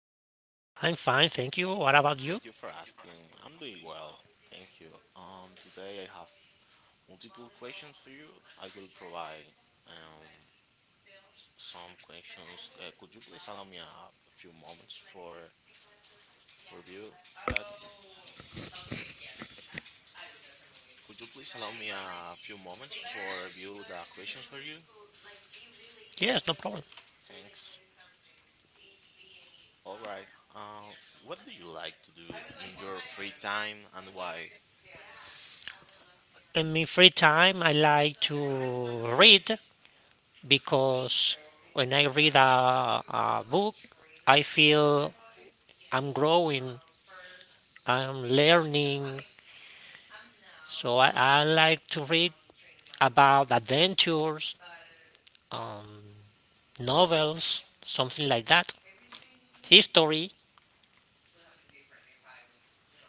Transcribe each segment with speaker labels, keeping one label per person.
Speaker 1: fine, thank you. What about you?
Speaker 2: Thank you for asking. I'm doing well. Thank you. Today I have multiple questions for you. I will provide um, some questions. Could you please allow me a few moments for review that? Could you please allow me a few moments for review the questions for you?
Speaker 1: Yes, no problem.
Speaker 2: Thanks. All right. Uh, what do you like to do in your free time and why?
Speaker 1: In my free time, I like to read because when I read a book, I feel I'm growing, I'm learning. So I like to read about adventures, um, novels, something like that. History,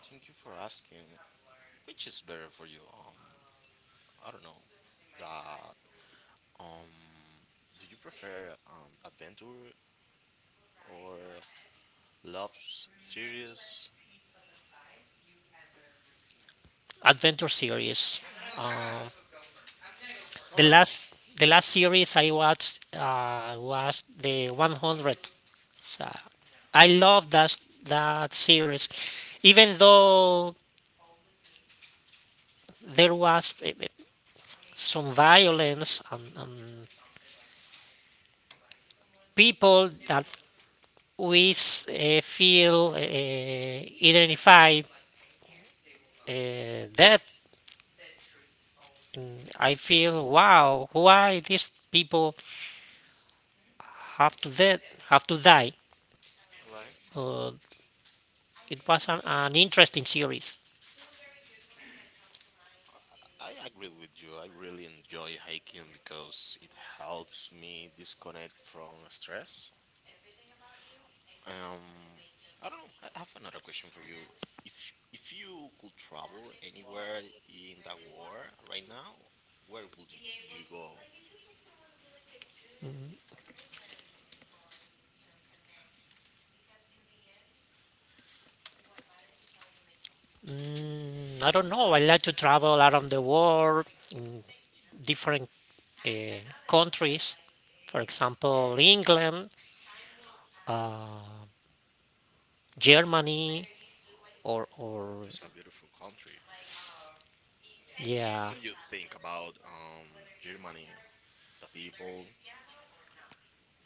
Speaker 2: Thank you for asking. Which is better for you? I don't know that um do you prefer adventure or love series?
Speaker 1: adventure series.
Speaker 2: All
Speaker 1: The
Speaker 2: right,
Speaker 1: last the last series I watched was the 100. So I love that series, even though there was some violence and people that we feel identified uh, dead. And I feel wow, why these people have to dead have to die?
Speaker 2: all right.
Speaker 1: Uh, it was an interesting series.
Speaker 2: I agree with you. I really enjoy hiking because it helps me disconnect from stress. Um, I don't know. I have another question for you. If you could travel anywhere in the world right now, where would you go?
Speaker 1: I don't know. I like to travel around the world, different uh, countries, for example, England, uh, Germany, or
Speaker 2: This is a beautiful country.
Speaker 1: yeah,
Speaker 2: What do you think about Germany, the people, the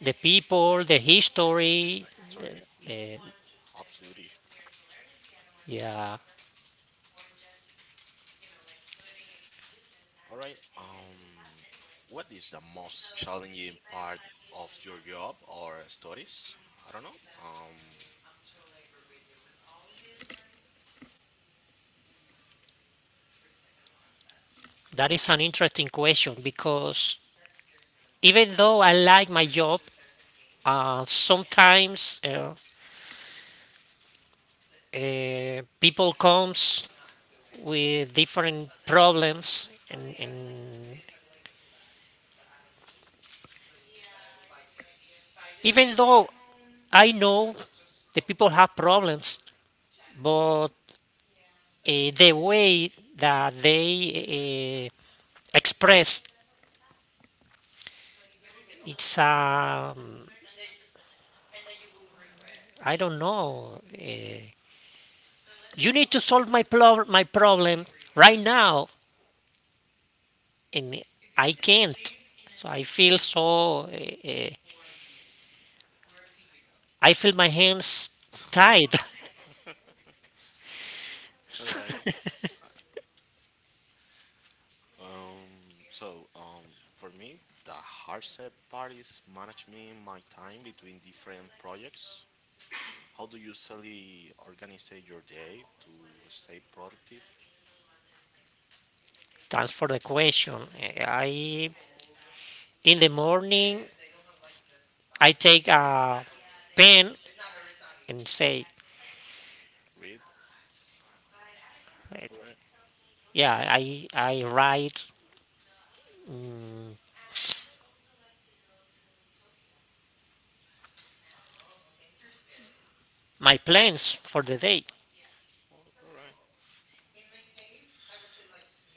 Speaker 1: the people, the history.
Speaker 2: history?
Speaker 1: the- uh,
Speaker 2: Absolutely.
Speaker 1: yeah,
Speaker 2: All right. What is the most challenging part of your job or studies? I don't know.
Speaker 1: that is an interesting question because even though I like my job, sometimes people comes with different problems, and even though I know the people have problems, but the way that they express it's I don't know. You need to solve my problem right now, and I can't. So I feel so. I feel my hands tied.
Speaker 2: All right. For me, the hard set part is managing my time between different projects. How do you usually organize your day to stay productive?
Speaker 1: Thanks for the question. I In the morning I take a pen and say,
Speaker 2: Read.
Speaker 1: uh,
Speaker 2: All right.
Speaker 1: yeah, I write my plans for the day.
Speaker 2: Well, all right.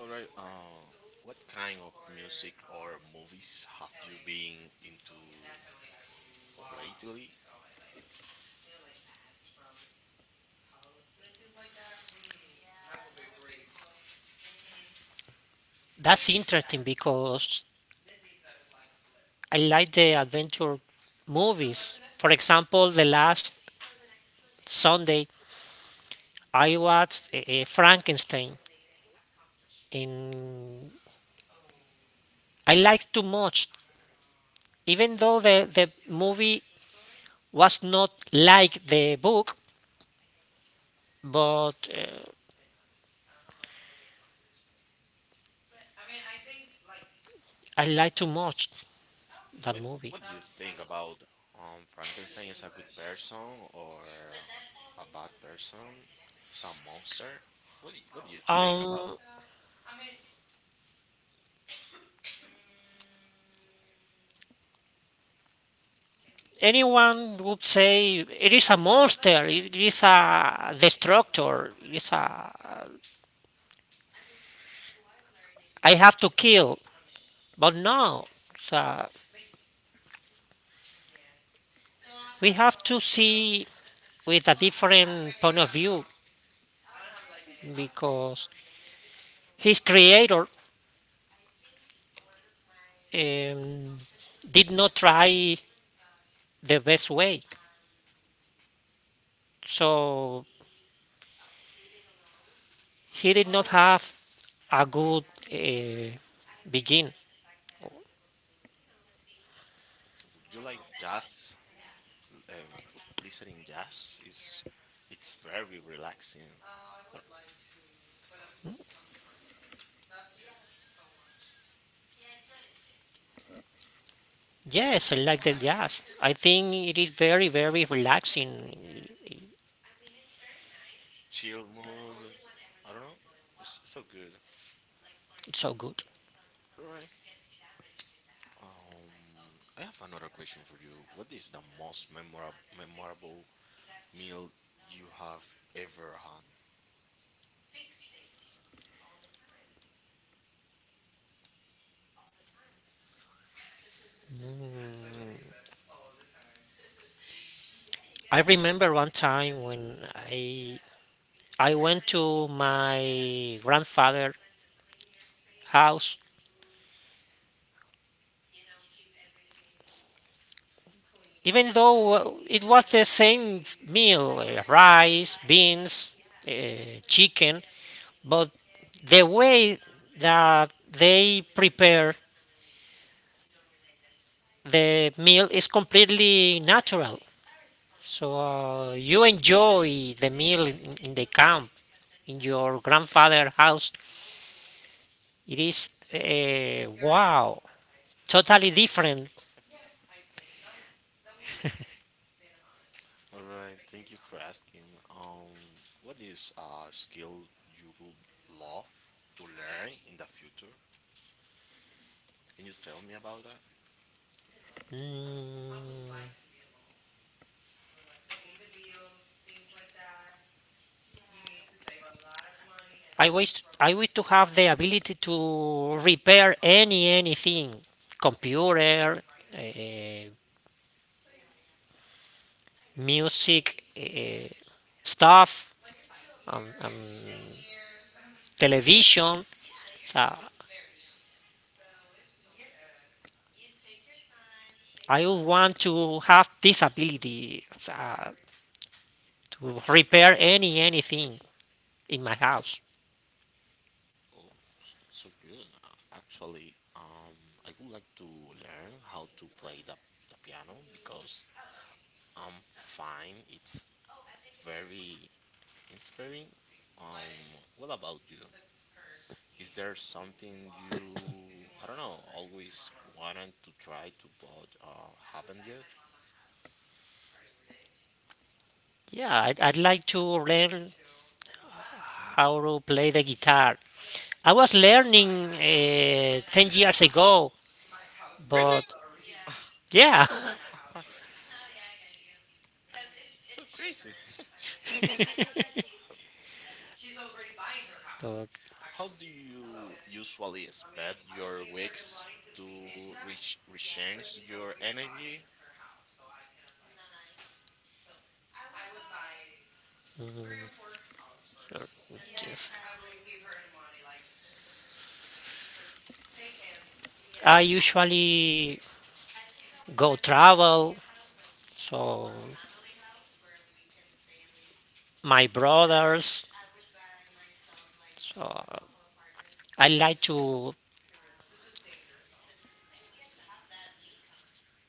Speaker 2: All right. What kind of music or movies have you been into lately?
Speaker 1: That's interesting because I like the adventure movies, for example the last Sunday I watched Frankenstein, and I liked too much, even though the movie was not like the book. But uh, I liked too much that
Speaker 2: What
Speaker 1: movie.
Speaker 2: Do you think about Frankenstein is a good person or a bad person? Is a monster? What do you think about?
Speaker 1: um Anyone would say it is a monster, it is a destructor, it is a I have to kill. But no, so we have to see with a different point of view because his creator um, did not try the best way. So he did not have a good uh, begin.
Speaker 2: Would you like jazz? Uh, Listening jazz is it's very relaxing. I don't-
Speaker 1: Yes, I like the jazz. I think it is very, very relaxing.
Speaker 2: Chill mood. I don't know. It's so good.
Speaker 1: It's so good.
Speaker 2: All right. Um, I have another question for you. What is the most memorable meal you have ever had?
Speaker 1: I remember one time when I went to my grandfather house. Even though it was the same meal, rice, beans, chicken, but the way that they prepare the meal is completely natural. So you enjoy the meal in the camp, in your grandfather house. It is wow, totally different.
Speaker 2: All right, thank you for asking. What is a skill you would love to learn in the future? Can you tell me about that?
Speaker 1: Mm, I wish to have the ability to repair anything, computer, uh, music, stuff, um, um, television. So I would want to have this ability uh, to repair anything in my house.
Speaker 2: Oh, so good. Actually, I would like to learn how to play the piano because I'm fine. It's very inspiring. What about you? Is there something you, I don't know, always wanted to try to but haven't yet?
Speaker 1: Yeah, I'd like to learn how to play the guitar. I was learning 10 years ago,
Speaker 2: Really?
Speaker 1: but yeah.
Speaker 2: So crazy.
Speaker 1: But,
Speaker 2: How do you usually spend your weeks to reach recharge your energy?
Speaker 1: uh, yes. I usually go travel, so my brothers, so I like to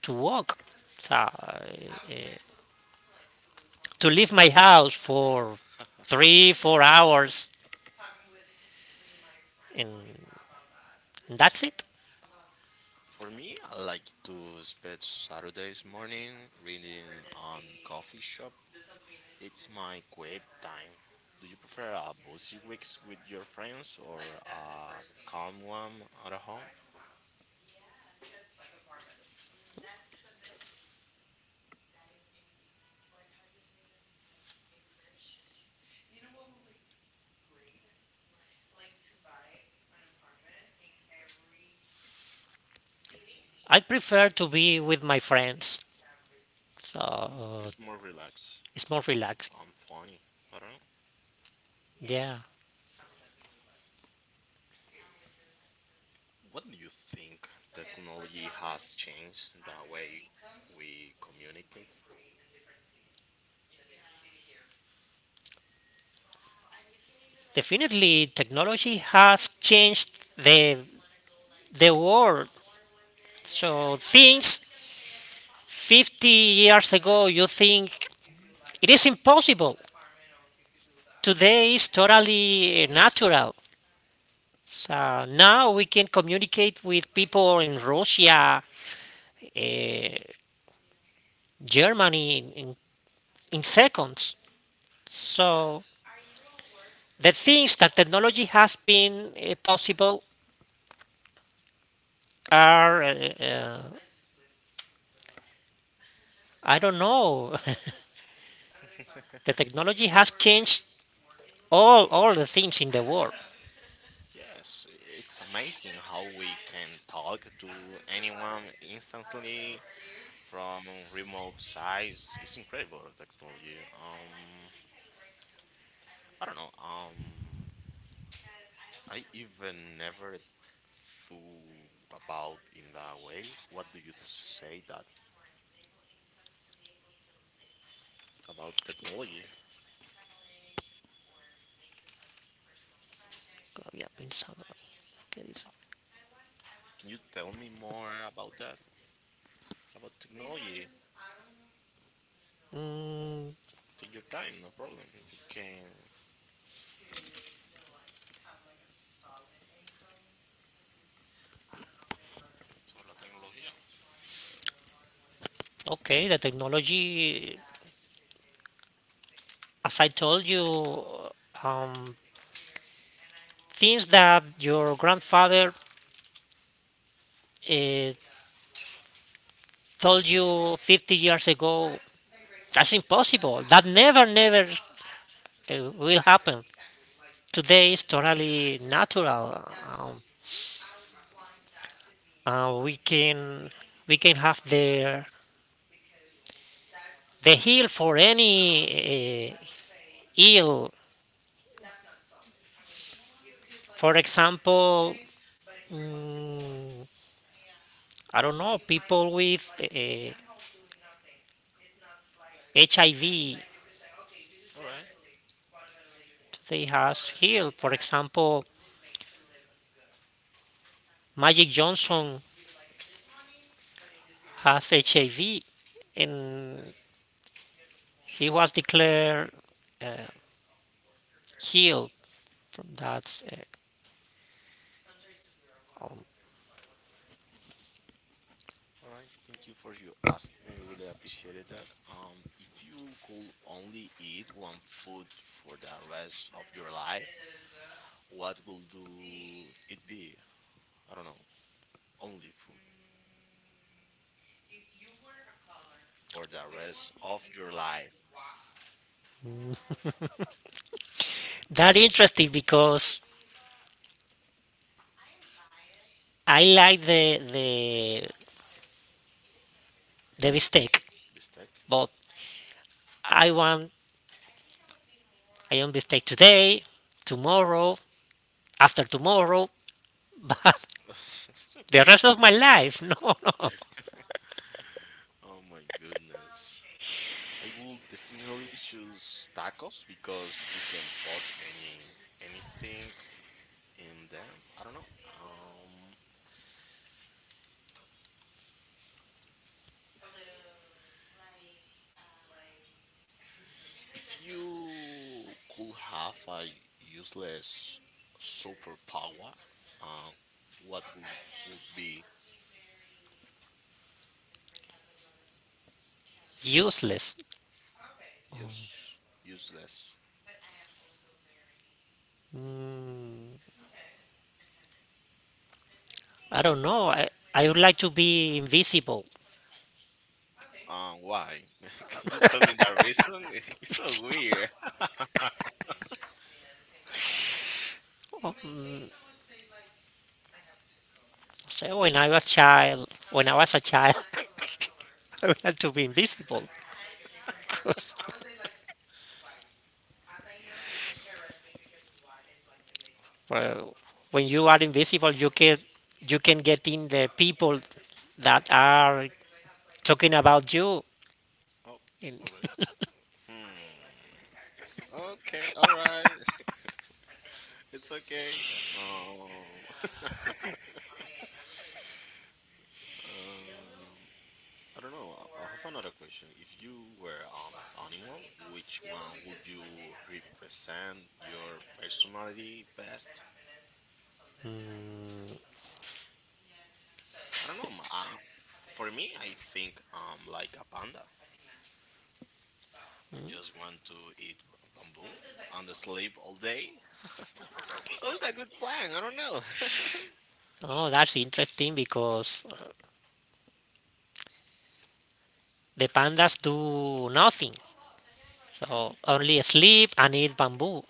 Speaker 1: to walk, so to leave my house for 3, 4 hours, and that's it.
Speaker 2: For me, I like to spend Saturdays morning reading on coffee shop. It's my quiet time. Do you prefer a busy weeks with your friends or a calm one at home?
Speaker 1: I prefer to be with my friends. So
Speaker 2: It's more relaxed.
Speaker 1: it's more relaxing.
Speaker 2: I'm funny. I don't know.
Speaker 1: Yeah,
Speaker 2: What do you think technology has changed the way we communicate?
Speaker 1: definitely, technology has changed the world. So things 50 years ago, you think it is impossible. Today is totally natural. So now we can communicate with people in Russia, uh, Germany, in seconds. So the things that technology has been possible are uh, I don't know. The technology has changed all the things in the world.
Speaker 2: Yes, it's amazing how we can talk to anyone instantly from remote sites. It's incredible technology. I don't know. I even never through about in that way. What do you say that about technology?
Speaker 1: Había pensado, ¿qué dice?
Speaker 2: Can you tell me more about that? About technology?
Speaker 1: Mm,
Speaker 2: Take your time, no problem. You can.
Speaker 1: okay, the technology, as I told you, um, things that your grandfather uh, told you 50 years ago, that's impossible. That never, never will happen. Today is totally natural. Uh, we can we can have the heal for any ill. For example, mm, I don't know, people with HIV.
Speaker 2: All right,
Speaker 1: They has heal. For example, Magic Johnson has HIV, and he was declared uh, healed from that. Uh, um,
Speaker 2: all right. Thank you for you asking. I really appreciated that. If you could only eat one food for the rest of your life, what will do it be? I don't know. Only food for the rest of your life.
Speaker 1: that interesting because I like the mistake,
Speaker 2: Mistake.
Speaker 1: but I want I own this take today, tomorrow, after tomorrow, but
Speaker 2: So
Speaker 1: the rest of
Speaker 2: crazy.
Speaker 1: my life, no, no.
Speaker 2: Oh my goodness. I will definitely choose tacos because you can put any anything in them. I don't know. Um, if you could have a useless superpower, uh, what would be
Speaker 1: Useless.
Speaker 2: useless?
Speaker 1: Mm, I don't know. I would like to be invisible.
Speaker 2: Why? Can you tell me the reason? It's so weird.
Speaker 1: Um, So when I was a child, I would like to be invisible. Well, when you are invisible, you can get in the people that are talking about you.
Speaker 2: Oh,
Speaker 1: And-
Speaker 2: all right. Hmm. Okay, all right. It's okay. Um, um, I don't know. I have another question. If you were animal, which one would you represent your personality best? I don't know. For me, I think like a panda. I just want to eat bamboo and sleep all day. Sounds a good plan. I don't know.
Speaker 1: oh, that's interesting because the pandas do nothing. So only sleep and eat bamboo.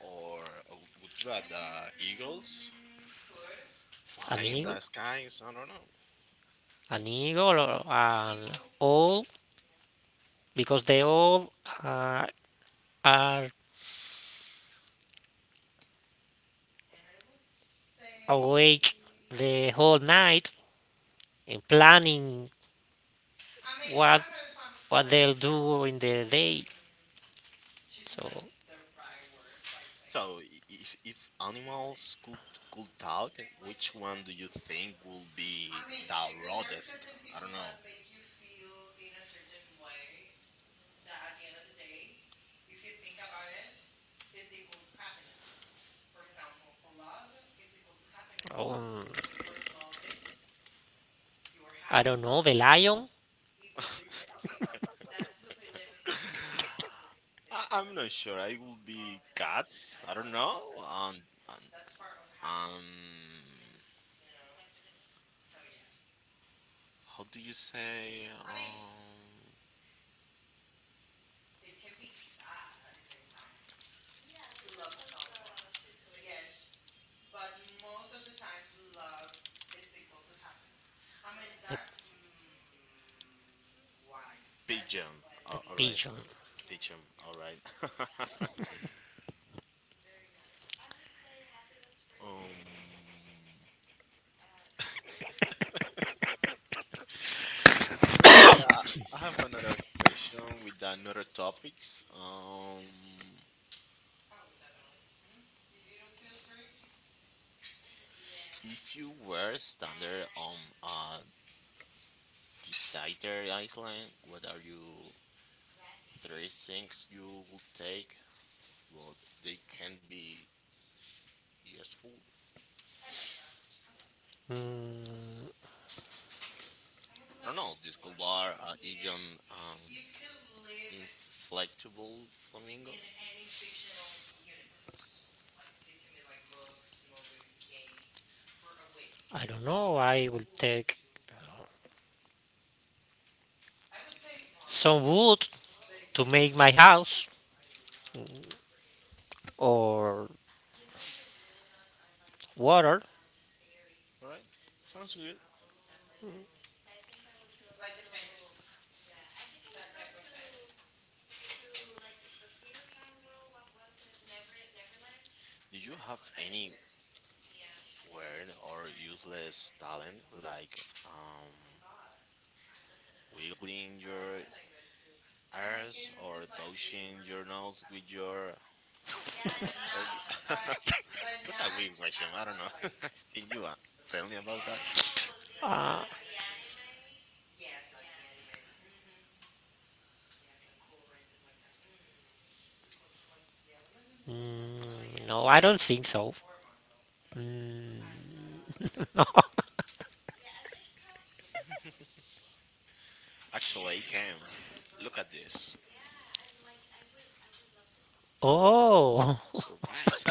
Speaker 2: Or would you like the eagles
Speaker 1: I
Speaker 2: flying in
Speaker 1: hate
Speaker 2: the
Speaker 1: Amigo,
Speaker 2: skies? I don't know.
Speaker 1: amigo, and all because they all are, are awake the whole night and planning what what they'll do in the day. So
Speaker 2: So, if animals could talk, which one do you think will be the rudest? I don't know.
Speaker 1: um, I don't know, the lion,
Speaker 2: I'm not sure. I will be cats. I don't know. Um, um how do you say um pigeon?
Speaker 1: the
Speaker 2: All right,
Speaker 1: pigeon.
Speaker 2: pigeon. All right. um. I have another question with another topics. If you were standard on a decided island, what are you three things you would take? What they can be useful?
Speaker 1: Mm,
Speaker 2: I don't know. Disco bar, Asian, inflatable flamingo.
Speaker 1: I don't know. I will take some wood to make my house, or water.
Speaker 2: Right? Sounds good. Did you have any weird or useless talent like um wiggling your Airs or touching your nose with your tongue? That's a weird question. I don't know. Can you tell me about that?
Speaker 1: Uh, mm, no, I don't think so.
Speaker 2: Actually, I can. Look at this.
Speaker 1: Oh,
Speaker 2: Surprise!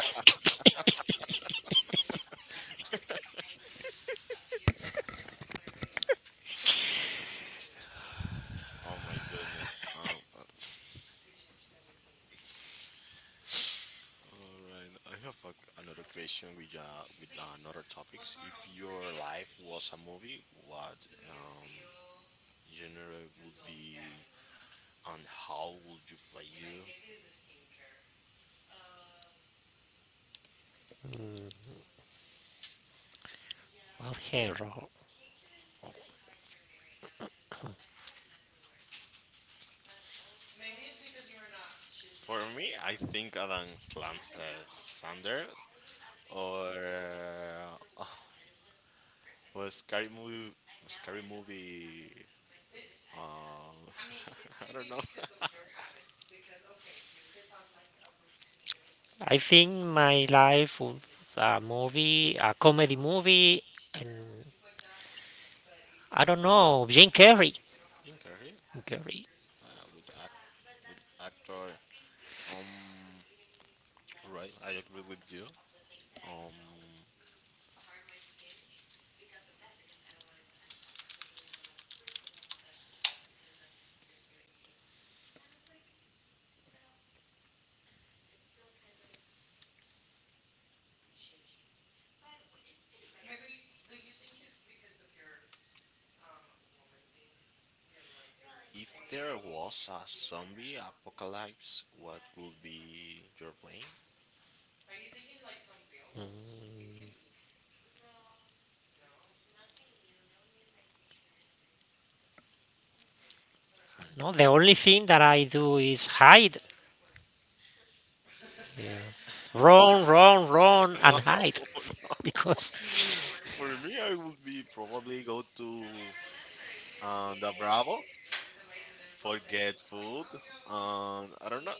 Speaker 2: Oh my goodness. All right. I have another question with another topics. If your life was a movie, what genre would be and how would you play you?
Speaker 1: okay.
Speaker 2: For me, I think Sandler or uh, was scary movie, scary movie. Um, I don't know.
Speaker 1: I think my life was a movie, a comedy movie, and I don't know, Jim Carrey.
Speaker 2: Jim Carrey,
Speaker 1: Jim Carrey.
Speaker 2: uh, good act, good actor. Um, right, I agree with you. Um, if there was a zombie apocalypse, what would be your plan?
Speaker 1: No, the only thing that I do is hide. Yeah. Run, run, run,
Speaker 2: No,
Speaker 1: and hide.
Speaker 2: no.
Speaker 1: Because
Speaker 2: For me, I would be probably go to the Bravo for get food, and I don't know.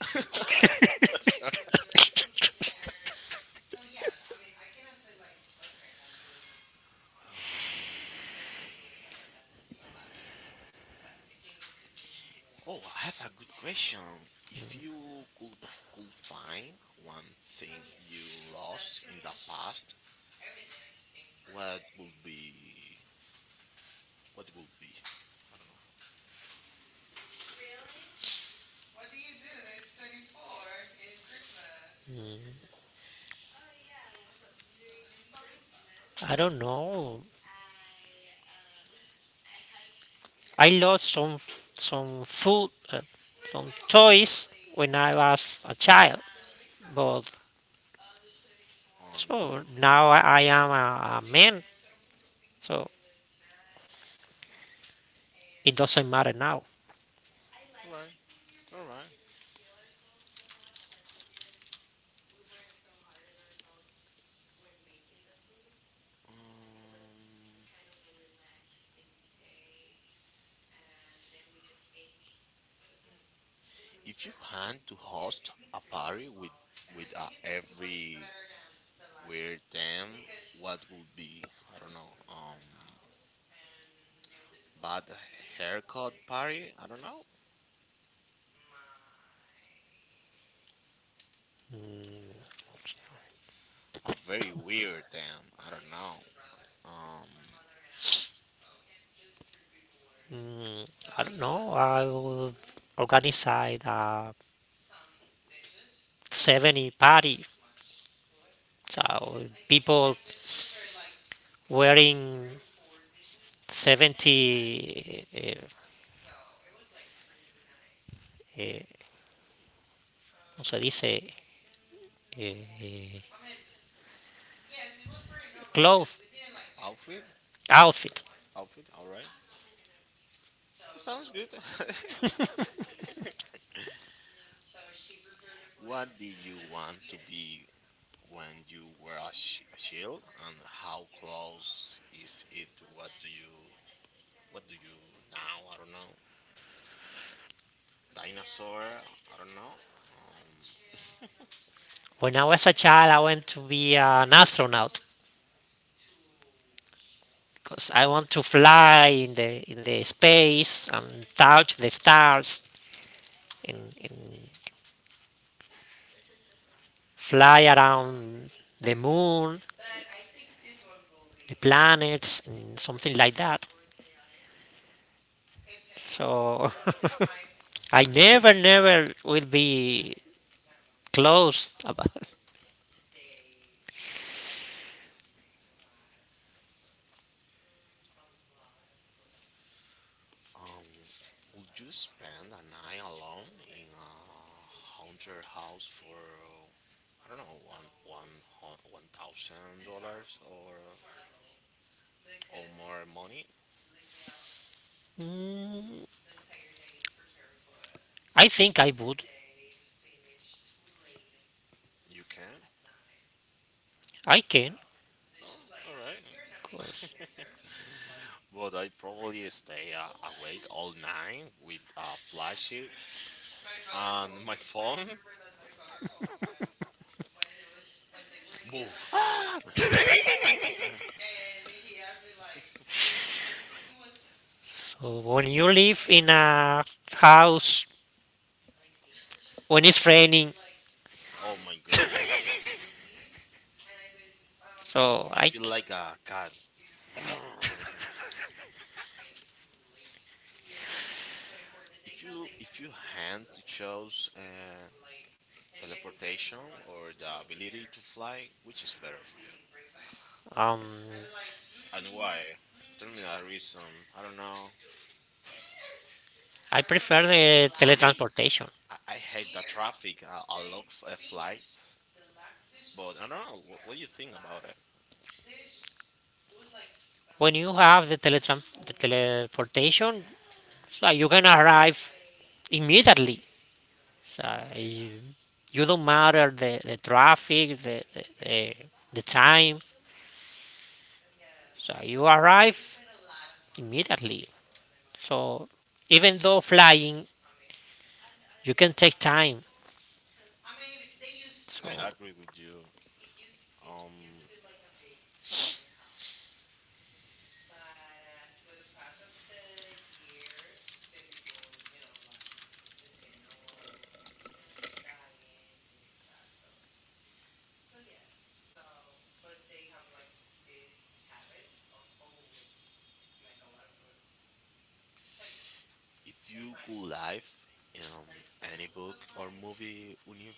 Speaker 2: Um, oh, I have a good question. If you could find one thing you lost in the past, what would be? What would be? I don't
Speaker 1: I don't know. I lost some food, some toys when I was a child, but
Speaker 2: know.
Speaker 1: so now I am a man, so it doesn't matter now.
Speaker 2: All right. All right. Um, if you had to host a party with every weird damn what would be I don't know bad haircut party I don't know a very weird damn I don't know um
Speaker 1: Mm, I don't know. I will organize a 70 party, so people wearing 70, eh, ¿cómo se dice? Eh, eh, clothes,
Speaker 2: outfit
Speaker 1: outfit.
Speaker 2: outfit all right sounds good. What did you want to be when you were a shield and how close is it to what do you what do you now I don't know dinosaur I don't know um.
Speaker 1: When I was a child, I went to be an astronaut, because I want to fly in the space and touch the stars, and fly around the moon, the planets, and something like that. So I never, never will be close about.
Speaker 2: Um, would you spend a night alone in a haunted house for I don't know $1,000 or more money?
Speaker 1: Mm, I think I would.
Speaker 2: You can.
Speaker 1: I can.
Speaker 2: Oh, all
Speaker 1: 'cause-
Speaker 2: right. But I probably stay awake all night with a flashlight and my phone. Boo! Ah!
Speaker 1: So when you live in a house when it's raining,
Speaker 2: Oh my goodness!
Speaker 1: so
Speaker 2: I feel like a cat. If you had to choose teleportation or the ability to fly, which is better for you?
Speaker 1: um
Speaker 2: And why? Tell me that reason. I don't know.
Speaker 1: I prefer the
Speaker 2: For me,
Speaker 1: teletransportation.
Speaker 2: I hate the traffic. I love flights, but I don't know. What do you think about it?
Speaker 1: When you have the teleportation, so you can arrive immediately. So you, you don't matter the traffic, the time. So you arrive immediately. So even though flying, you can take time. So
Speaker 2: I agree with you. Um, if you could live um any book or movie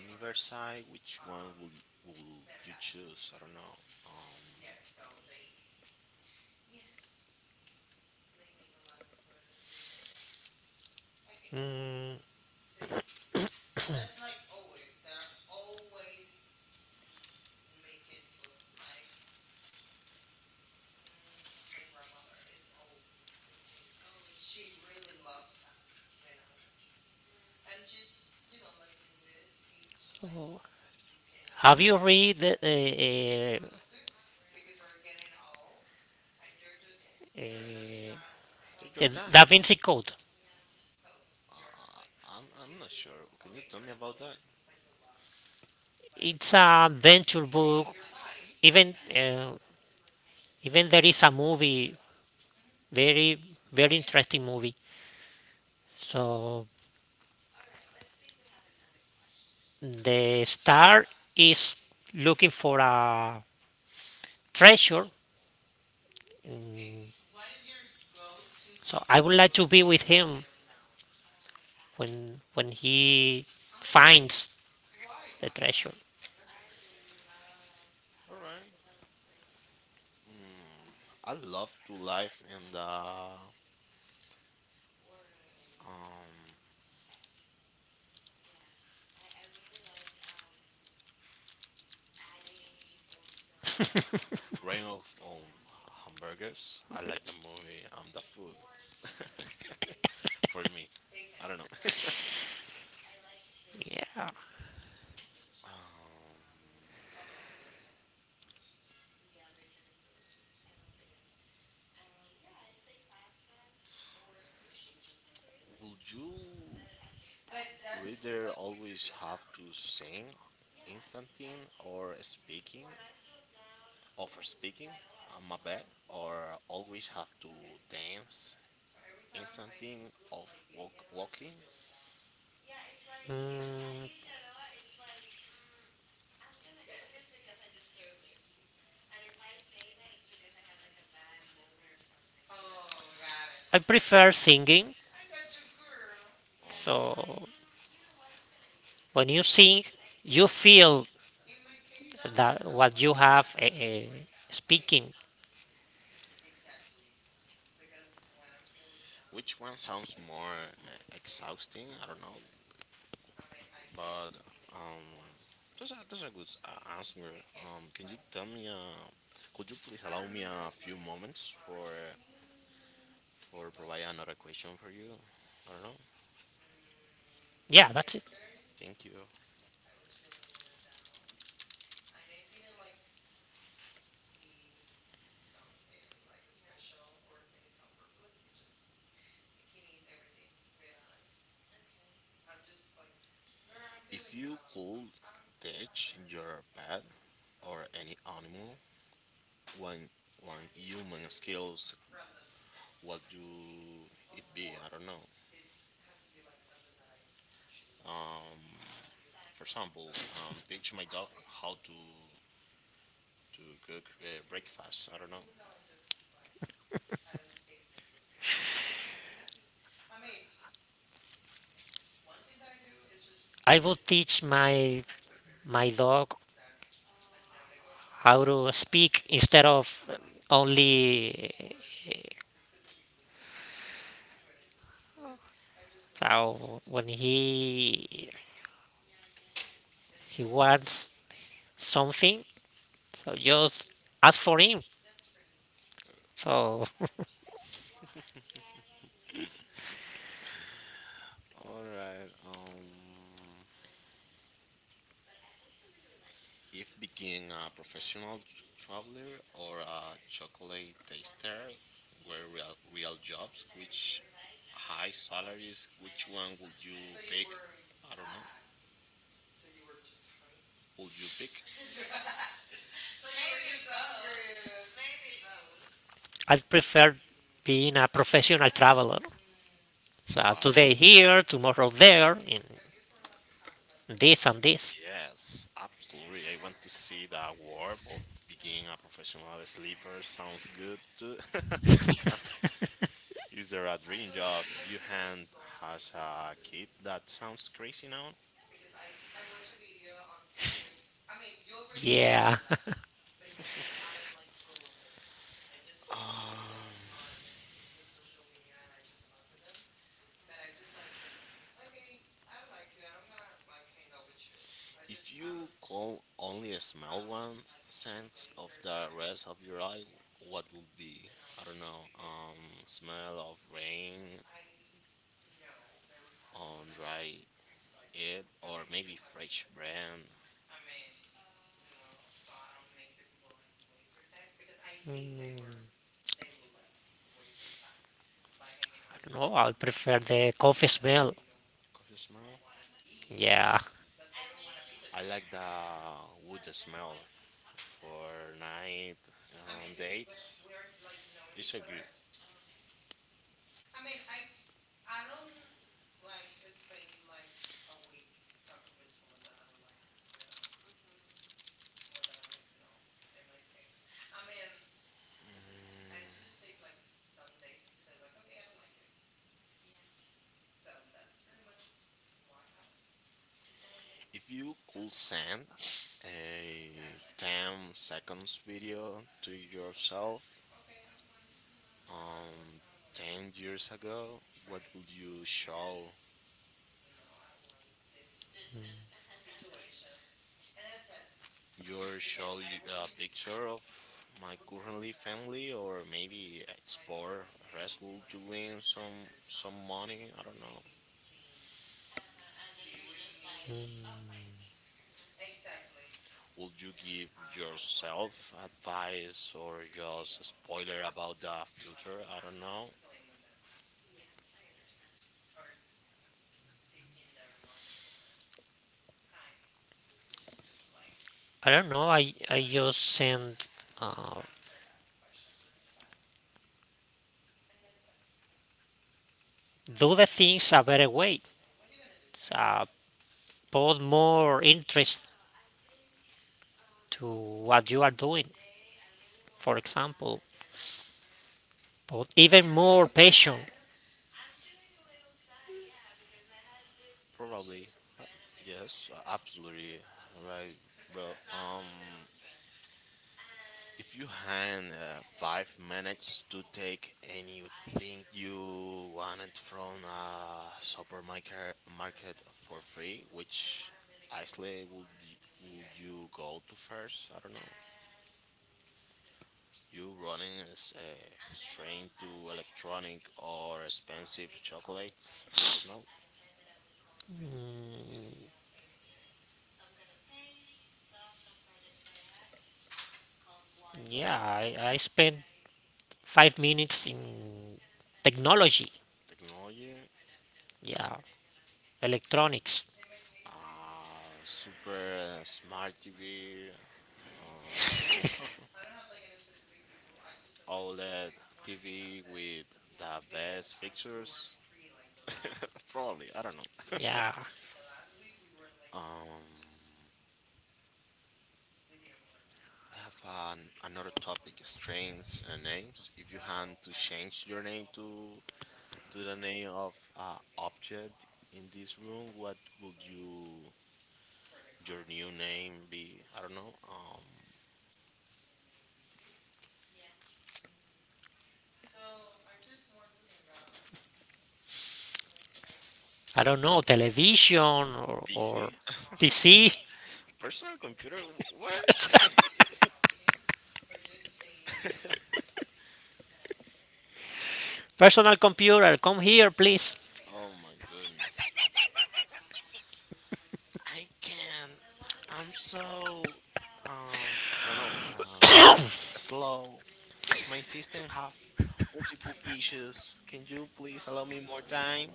Speaker 2: universe, which one would you choose? I don't know. Um,
Speaker 1: mm, have you read uh, uh,
Speaker 2: take your
Speaker 1: the Da
Speaker 2: time.
Speaker 1: Vinci Code?
Speaker 2: I'm not sure. Can you tell me about that?
Speaker 1: It's a adventure book. Even uh, Even there is a movie, very very interesting movie. So the star is looking for a treasure. Mm, So I would like to be with him when he finds the treasure.
Speaker 2: All right. Mm, I love to live in the um, reign of hamburgers. I like the movie. The food for me. I don't know.
Speaker 1: Yeah.
Speaker 2: Um, will you rather always have to sing instanting or speaking or for speaking on my bad or always have to dance instanting of walking
Speaker 1: Mm, I prefer singing.
Speaker 2: on.
Speaker 1: So when you sing, you feel that what you have speaking.
Speaker 2: Which one sounds more exhausting? I don't know, but um, that's a good answer. Can you tell me? Could you please allow me a few moments for provide another question for you? I don't know.
Speaker 1: Yeah, that's
Speaker 2: Thank you. If you could teach your pet or any animal one one human skills, what do it be? I don't know. Um, for example, teach my dog how to cook breakfast. I don't know.
Speaker 1: I would teach my dog how to speak, instead of only, so when he wants something, so just ask for him. So
Speaker 2: All right. If being a professional traveler or a chocolate taster were real jobs, which high salaries, which one would you pick? I don't know. Would you pick?
Speaker 1: I prefer being a professional traveler. So
Speaker 2: Why?
Speaker 1: today here, tomorrow there, and this and this.
Speaker 2: Yes, absolutely. I want to see that war, but being a professional sleeper sounds good too. Is there a dream job you hand has a kid that sounds crazy now?
Speaker 1: Yeah.
Speaker 2: Um, if you could only smell one sense of the rest of your life, what would be? I don't know. Smell of rain on dry it, or maybe fresh brand
Speaker 1: Mm, I out. Don't know. I prefer the coffee smell.
Speaker 2: coffee smell.
Speaker 1: Yeah.
Speaker 2: I like the wood smell for night dates. It's so good. If you could send a 10 seconds video to yourself um, 10 years ago, what would you show? Your show you a picture of my currently family, or maybe explore wrestle to win some money. I don't know. Would you give yourself advice or just a spoiler about the future? I don't know.
Speaker 1: I don't know. I just send uh, do the things a better way. Uh, Put more interest to what you are doing. For example, put even more passion.
Speaker 2: Probably. Uh, Yes, absolutely. Right, bro. If you had 5 minutes to take anything you wanted from a supermarket market for free, which actually would be, would you go to first? I don't know. You running is straight to electronic or expensive chocolates. I don't know.
Speaker 1: Yeah. I spent 5 minutes in technology,
Speaker 2: Technology,
Speaker 1: yeah, electronics,
Speaker 2: uh, super smart TV. I don't know. OLED TV with the best fixtures. Probably. I don't know.
Speaker 1: yeah,
Speaker 2: Um, I have an, another topic: strains and names. If you had to change your name to the name of object in this room, what would you your new name be? I don't know.
Speaker 1: I don't know, television or
Speaker 2: PC,
Speaker 1: PC,
Speaker 2: personal computer. What?
Speaker 1: personal computer, come here, please.
Speaker 2: Oh my goodness! I can. I'm so um. I don't know. Slow. My system have multiple issues. Can you please allow me more time?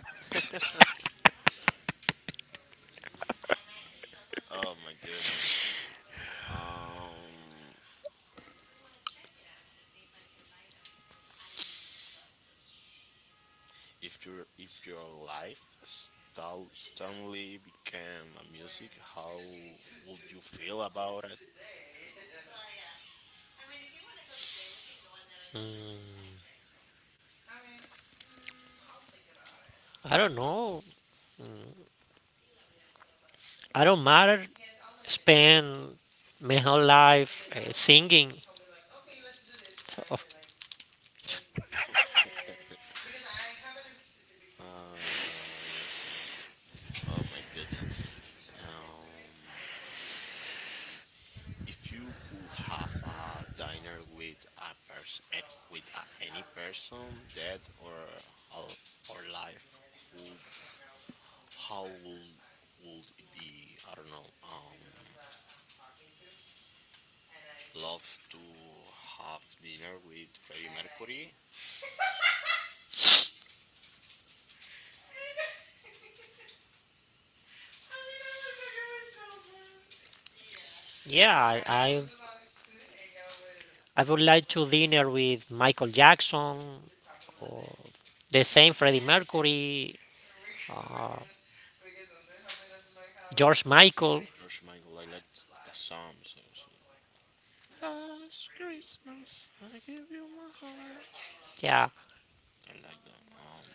Speaker 2: Oh my goodness. Um, if your life suddenly became a music, how would you feel about it?
Speaker 1: I don't know, I don't matter. Spend my whole life singing. So,
Speaker 2: Obviously. Oh my goodness. Um, if you could have a dinner with a person, with a, any person, dead or al- or live, who, how will would it be? I don't know. Love to have dinner with Freddie Mercury.
Speaker 1: yeah, I would like to dinner with Michael Jackson, or the same Freddie Mercury, uh, George Michael,
Speaker 2: George Michael, I like that song. So last Christmas I gave you my heart.
Speaker 1: yeah,
Speaker 2: I like that.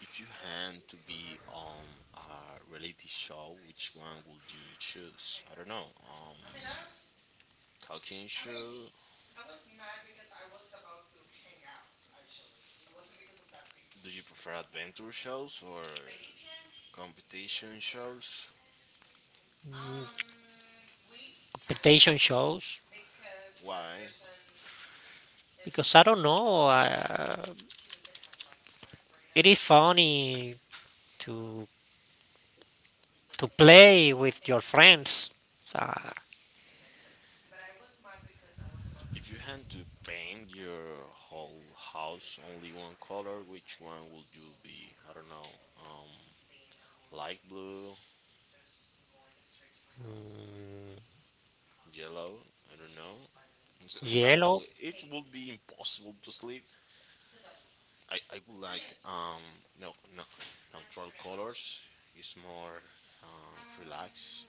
Speaker 2: If you had to be on a reality show, which one would you choose? I don't know. Cooking show. Do you prefer adventure shows or competition shows?
Speaker 1: competition shows
Speaker 2: Why?
Speaker 1: because I don't know. It is funny to to play with your friends. Uh,
Speaker 2: If you had to paint your whole house only one color, which one would you be? I don't know. Light blue,
Speaker 1: mm,
Speaker 2: yellow. I don't know. So, I don't
Speaker 1: Yellow,
Speaker 2: know. It would be impossible to sleep. I would like no neutral colors. It's more relaxed.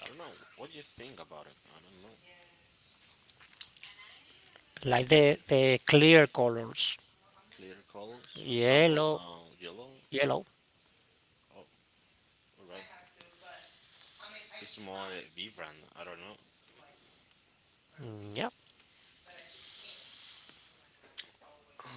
Speaker 2: I don't know. What do you think about it? I don't know.
Speaker 1: like the clear colors.
Speaker 2: Clear colors, for example,
Speaker 1: Yellow,
Speaker 2: yellow.
Speaker 1: yellow.
Speaker 2: Oh, all right. It's more vibrant. I don't know.
Speaker 1: Yeah,
Speaker 2: Um,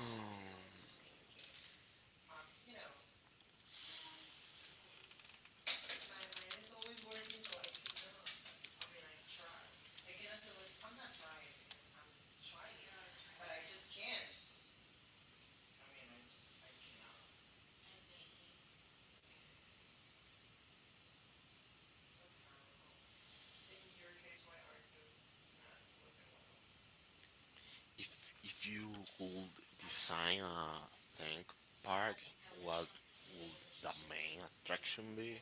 Speaker 2: if if you could design a theme park, what would the main attraction be?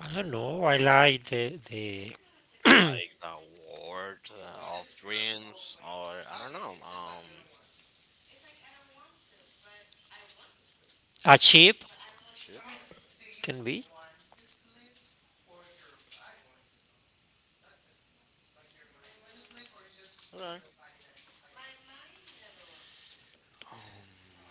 Speaker 1: I don't know. I like the
Speaker 2: Like the world of dreams or I don't know,
Speaker 1: a chip
Speaker 2: ship.
Speaker 1: can be.
Speaker 2: Alright. Um,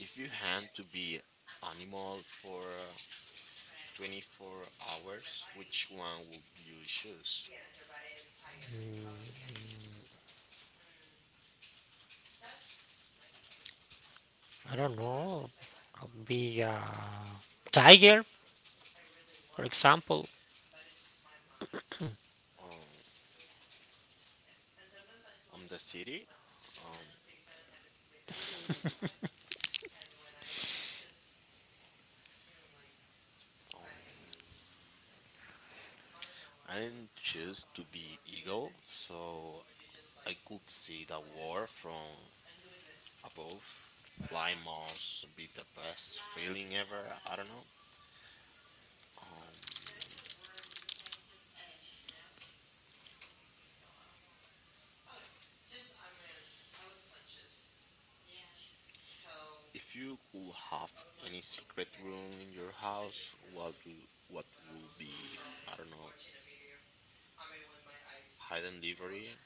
Speaker 2: if you had to be animal for 24 hours, which one would you choose?
Speaker 1: I don't know. Could be a tiger, for example.
Speaker 2: Um, the city. Um, um I choose to be eagle, so I could see the war from above. Fly must be the best feeling ever. I don't know. Um, if you could have any secret room in your house, what do what would be? I don't know, hidden library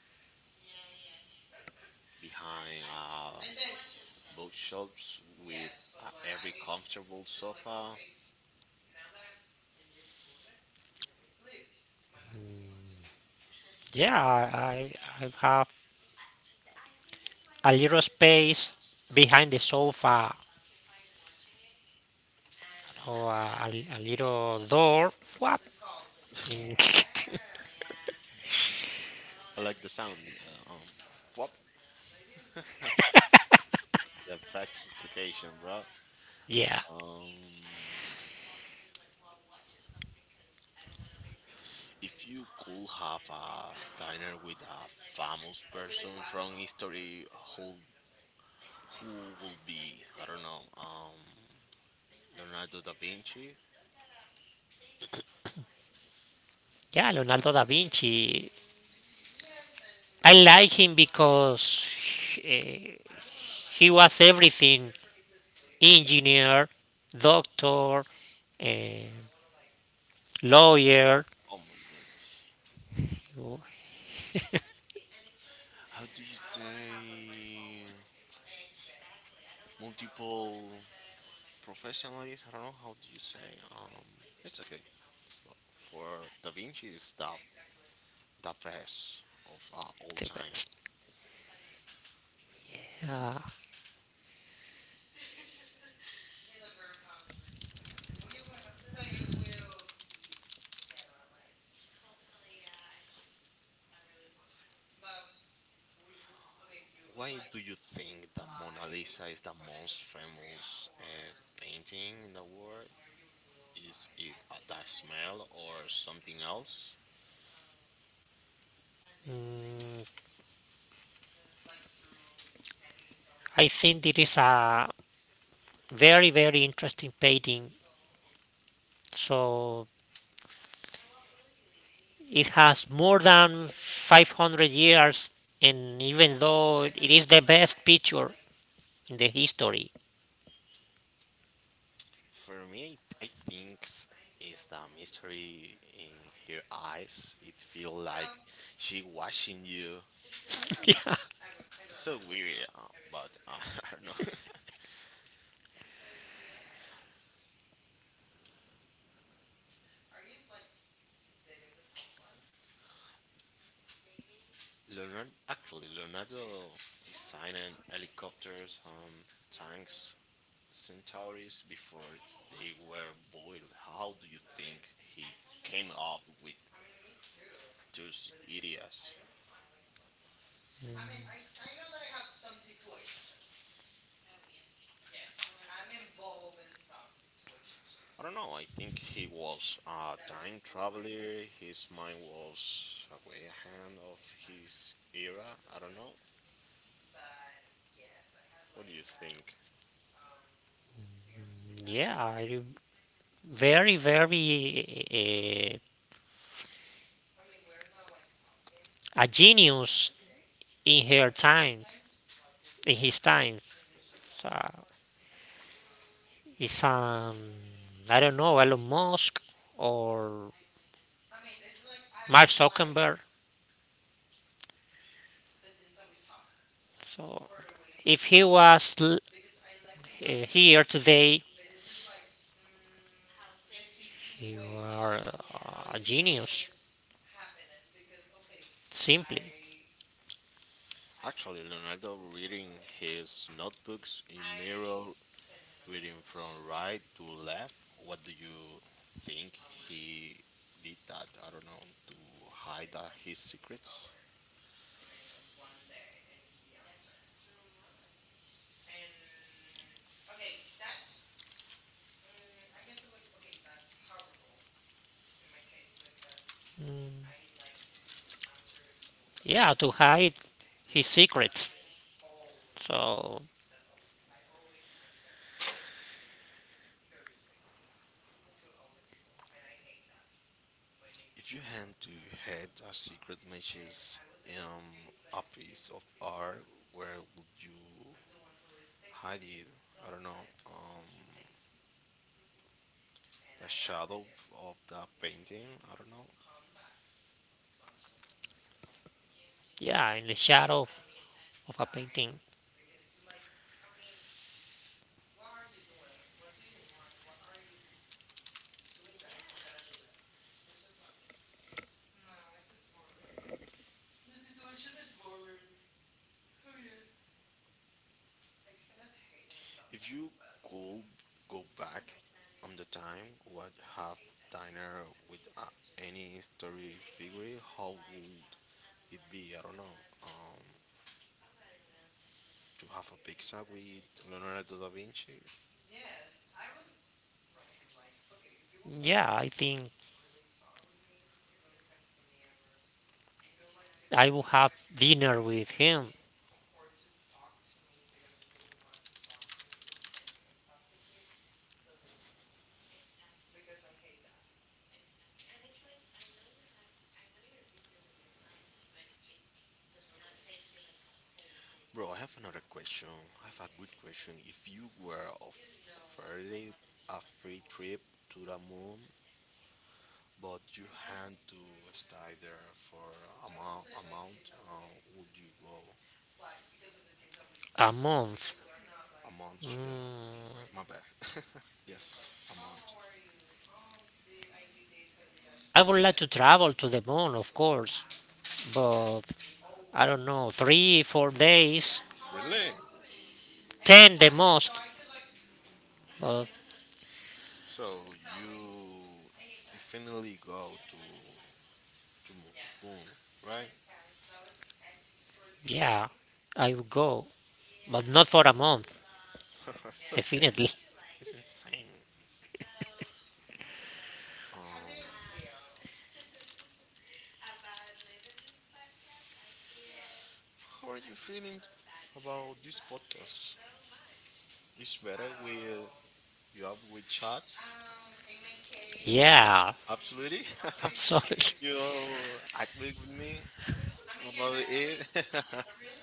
Speaker 2: behind bookshelves with every comfortable sofa.
Speaker 1: Yeah, I have a little space behind the sofa, or a little door. Whap. Mm.
Speaker 2: I like the sound. Whoop. the best explication, bro.
Speaker 1: Yeah.
Speaker 2: Um, if you could have a dinner with a famous person from history, who Who will be? I don't know. Leonardo da Vinci.
Speaker 1: Yeah, Leonardo da Vinci. I like him because he, he was everything, engineer, doctor, eh, lawyer.
Speaker 2: Oh my goodness.
Speaker 1: Oh,
Speaker 2: How do you say multiple professionals? I don't know. How do you say? It's okay. Well, for da Vinci is the best of all
Speaker 1: the
Speaker 2: time.
Speaker 1: best. Yeah.
Speaker 2: Why do you think the Mona Lisa is the most famous painting in the world? Is it the smell or something else?
Speaker 1: Mm, I think it is a very, very interesting painting. So it has more than 500 years, and even though it is the best picture in the history,
Speaker 2: For me, I think is the mystery in her eyes. It feel like she watching you.
Speaker 1: yeah,
Speaker 2: It's so weird, but I don't know. Leonardo designed helicopters and tanks, Centauris, before they were boiled. How do you think he came up with those ideas? I don't know. I think he was a time traveler. His mind was way ahead of his era. I don't know. What do you think?
Speaker 1: yeah, very, very uh, a genius in her time, in his time. So it's I don't know, Elon Musk or Mark Zuckerberg. So if he was here today, you are a genius, simply.
Speaker 2: Actually, Leonardo reading his notebooks in mirror, reading from right to left. What do you think he did that? I don't know to hide his secrets.
Speaker 1: Yeah, to hide his secrets. So,
Speaker 2: If you had to hide a secret message in a piece of art, where would you hide it. I don't know. The shadow of the painting. I don't know.
Speaker 1: yeah, in the shadow of a painting.
Speaker 2: If you could go back on the time, what have dinner with any story figure? How would it be? I don't know. Um, to have a pizza with Leonardo da Vinci.
Speaker 1: Yeah, I think I will have dinner with him.
Speaker 2: Bro, I have another question. I have a good question. If you were offered a free trip to the moon but you had to stay there for amount would you go
Speaker 1: A month.
Speaker 2: a month, yeah.
Speaker 1: Mm,
Speaker 2: My bad. Yes, a month.
Speaker 1: I would like to travel to the moon, of course, but I don't know, 3, 4 days,
Speaker 2: Really?
Speaker 1: 10 the most. But
Speaker 2: So you definitely go to Mo- boom, right?
Speaker 1: yeah, I would go, but not for a month,
Speaker 2: It's so
Speaker 1: definitely.
Speaker 2: crazy. It's insane. um how are you feeling about this podcast? It's better with you up with chats.
Speaker 1: Yeah,
Speaker 2: Absolutely.
Speaker 1: absolutely.
Speaker 2: You agree with me about it.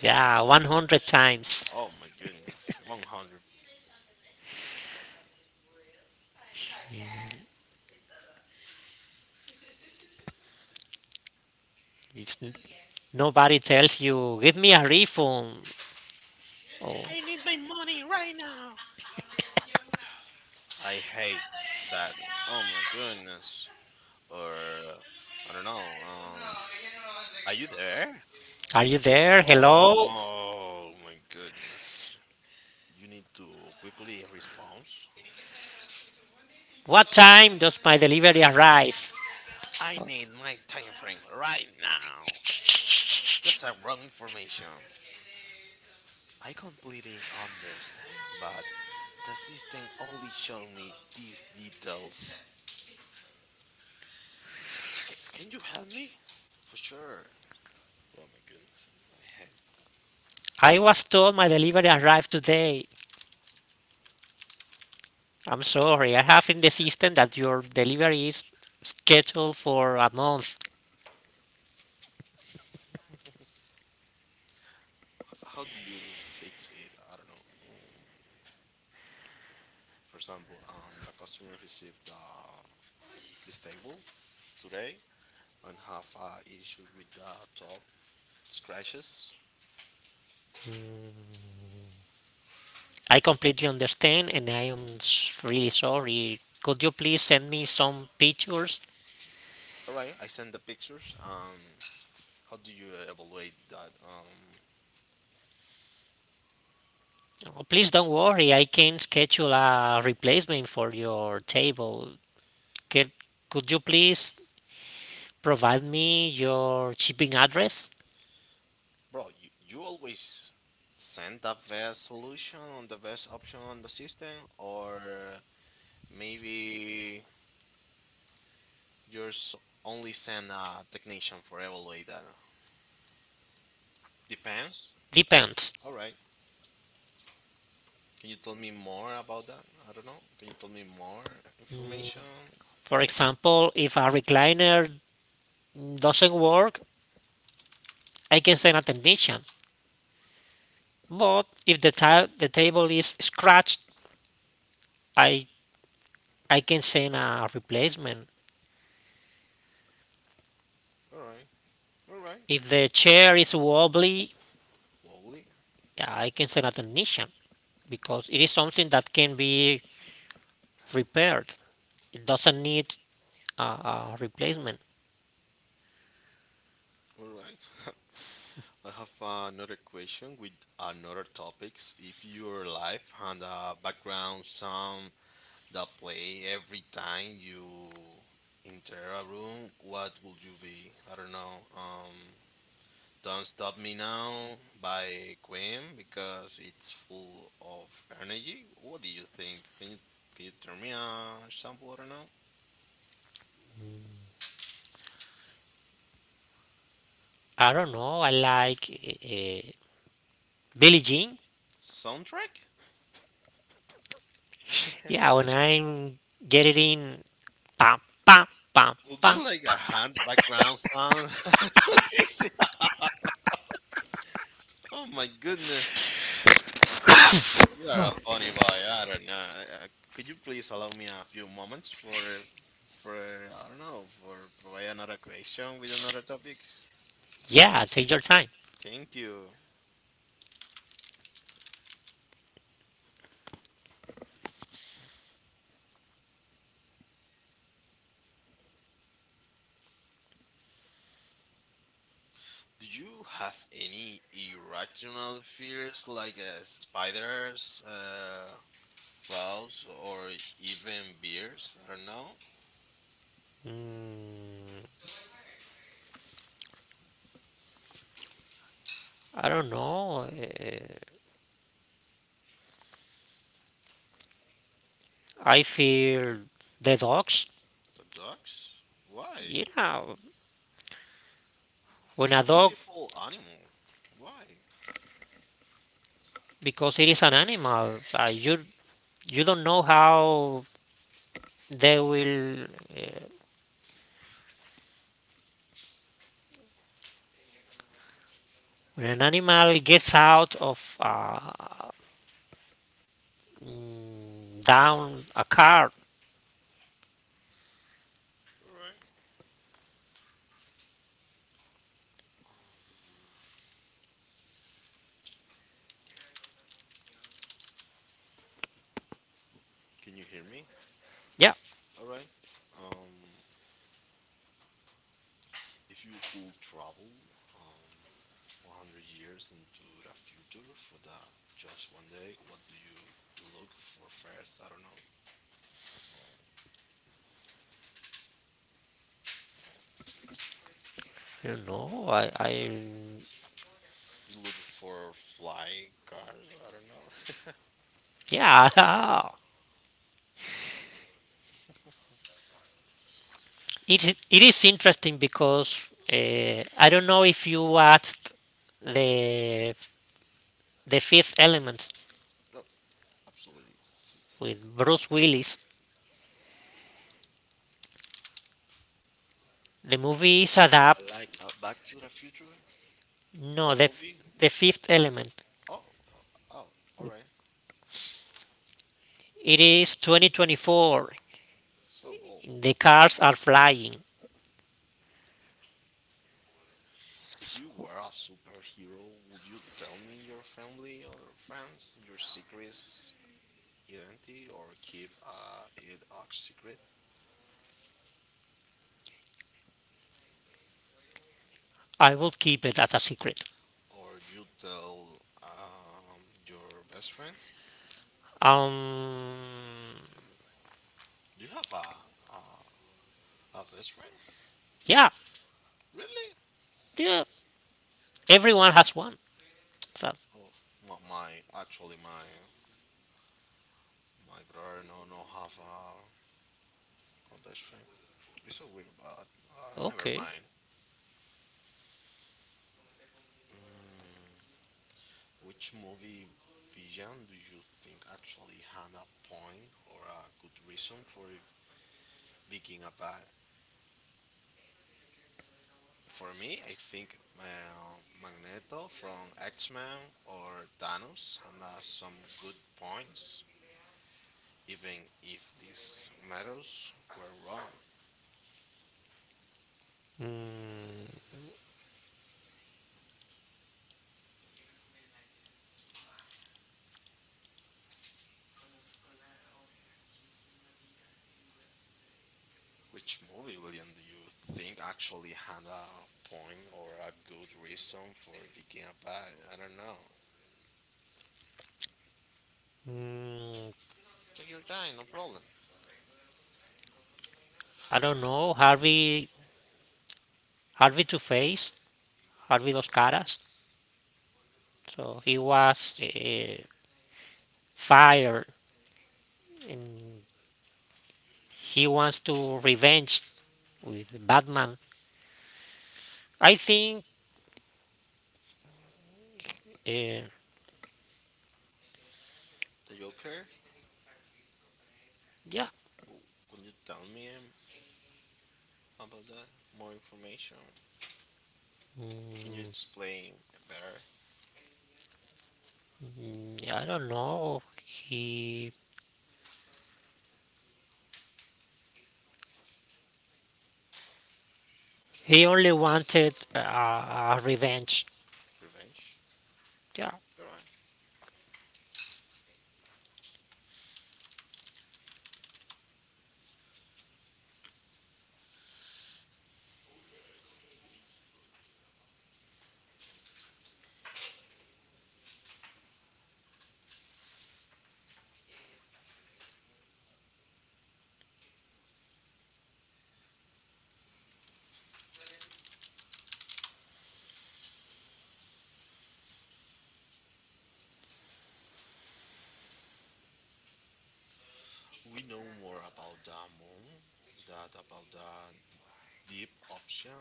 Speaker 1: Yeah, 100 times.
Speaker 2: Oh my goodness. 100.
Speaker 1: If nobody tells you, give me a refund, or
Speaker 2: I need my money right now. I hate that. Oh my goodness. Or, I don't know. Are you there?
Speaker 1: are you there? Hello?
Speaker 2: Oh my goodness. You need to quickly respond.
Speaker 1: What time does my delivery arrive?
Speaker 2: I need my time frame right now. That's a wrong information. I completely understand, but the system only showed me these details. Can you help me? For sure. Oh my goodness. I had.
Speaker 1: I was told my delivery arrived today. I'm sorry, I have in the system that your delivery is scheduled for a month.
Speaker 2: How do you fix it? I don't know. Mm, for example, the customer received the this table today and have a issue with the top scratches.
Speaker 1: I completely understand, and I am really sorry. Could you please send me some pictures?
Speaker 2: All right, I send the pictures. How do you evaluate that?
Speaker 1: Oh, please don't worry, I can schedule a replacement for your table. Could, could you please provide me your shipping address?
Speaker 2: Bro, you always send the best solution, the best option on the system, or maybe yours only send a technician for evaluate that. Depends.
Speaker 1: Depends.
Speaker 2: All right. Can you tell me more about that? I don't know. Can you tell me more information?
Speaker 1: For example, if a recliner doesn't work, I can send a technician. But if the table is scratched, I, I can send a replacement.
Speaker 2: All right. All right.
Speaker 1: If the chair is wobbly,
Speaker 2: Lovely.
Speaker 1: yeah, I can say that a nation, because it is something that can be repaired. It doesn't need a replacement.
Speaker 2: All right. I have another question with another topics. If your life had a background sound that play every time you enter a room, what would you be? I don't know. Don't Stop Me Now by Queen because it's full of energy. What do you think? Can you turn me a sample? I don't know.
Speaker 1: I don't know. I like Billie Jean.
Speaker 2: Soundtrack?
Speaker 1: Yeah, when I'm getting in, pam pam pam
Speaker 2: Would
Speaker 1: pam.
Speaker 2: you like a hand background sound? So crazy. Oh my goodness. You are a funny boy. I don't know. Could you please allow me a few moments for I don't know for provide another question with another topics?
Speaker 1: Yeah, take your time.
Speaker 2: Thank you. Do you have any irrational fears like spiders, clouds, or even bears? I don't know.
Speaker 1: Mm, I don't know. I feel the dogs.
Speaker 2: The ducks? Why?
Speaker 1: You know, when
Speaker 2: This is
Speaker 1: a
Speaker 2: a
Speaker 1: dog,
Speaker 2: beautiful animal. Why?
Speaker 1: because it is an animal, you don't know how they will when an animal gets out of down a car.
Speaker 2: All right. Um, can you hear me?
Speaker 1: Yeah,
Speaker 2: All right. Um, if you could travel um, 100 years into the future for the just one day, what do you look for first? I don't know.
Speaker 1: you know, I
Speaker 2: You look for flying cars? I don't know.
Speaker 1: yeah, it is interesting because I don't know if you watched the the Fifth Element
Speaker 2: No, absolutely.
Speaker 1: with Bruce Willis. The movie is
Speaker 2: I
Speaker 1: adapt.
Speaker 2: like Back to the Future, the
Speaker 1: No, the,
Speaker 2: movie.
Speaker 1: the
Speaker 2: What?
Speaker 1: Fifth Element,
Speaker 2: Oh, oh, all right.
Speaker 1: it is 2024,
Speaker 2: So, oh,
Speaker 1: the cars are flying.
Speaker 2: if you were a superhero, would you tell me your family or friends your secret identity or keep it a secret?
Speaker 1: I will keep it as a secret.
Speaker 2: Or you tell your best friend?
Speaker 1: Um,
Speaker 2: Do you have a best friend?
Speaker 1: yeah,
Speaker 2: Really?
Speaker 1: yeah. Everyone has one. So,
Speaker 2: Oh, my actually my brother no have a best friend. It's so weird, but never
Speaker 1: okay.
Speaker 2: mind. Mm, which movie villain do you think actually had a point or a good reason for it being a bad? For me, I think Magneto from X Men or Thanos had some good points, even if these matters were wrong.
Speaker 1: Mm,
Speaker 2: Which movie, William, do you think actually had a point or a good reason for it being a bad? I don't know.
Speaker 1: mm,
Speaker 2: Take your time, no problem.
Speaker 1: I don't know. Harvey, Harvey Two Face, Harvey Dos Caras. So he was fired, and he wants to revenge with Batman. I think. Uh,
Speaker 2: The Joker?
Speaker 1: yeah.
Speaker 2: W- Can you tell me about that? More information? Can you
Speaker 1: Mm,
Speaker 2: explain better?
Speaker 1: I don't know. He only wanted revenge.
Speaker 2: Revenge?
Speaker 1: Yeah.
Speaker 2: Alright. We know more about the moon, that about the deep option.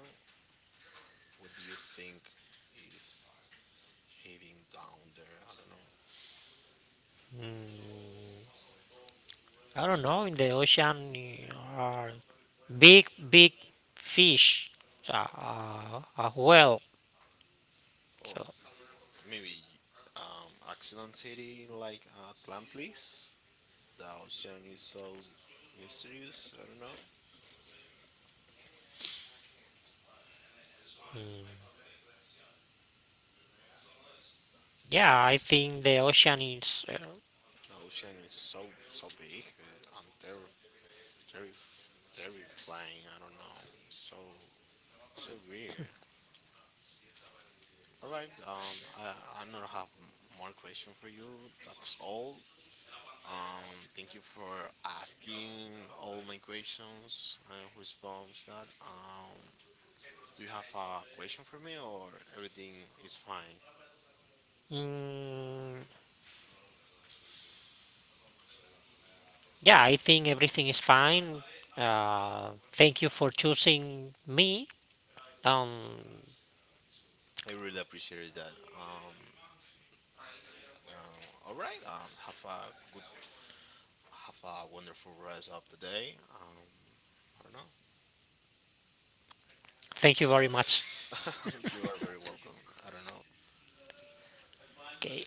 Speaker 2: What do you think is heading down there? I don't know.
Speaker 1: Mm, I don't know. In the ocean are big big fish. So, a whale.
Speaker 2: Or
Speaker 1: So,
Speaker 2: maybe accident city like Atlantis. The ocean is so mysterious. I don't know.
Speaker 1: mm, yeah, I think the ocean is.
Speaker 2: The ocean is so so big and terrifying. I don't know. It's so so weird. All right. I don't have more question for you. That's all. Thank you for asking all my questions and response that. Do you have a question for me, or everything is fine?
Speaker 1: Mm, yeah, I think everything is fine. Thank you for choosing me. Um,
Speaker 2: I really appreciate that. Um, all right. Have a wonderful rest of the day. I don't know.
Speaker 1: thank you very much.
Speaker 2: You are very welcome. I don't know.
Speaker 1: Okay.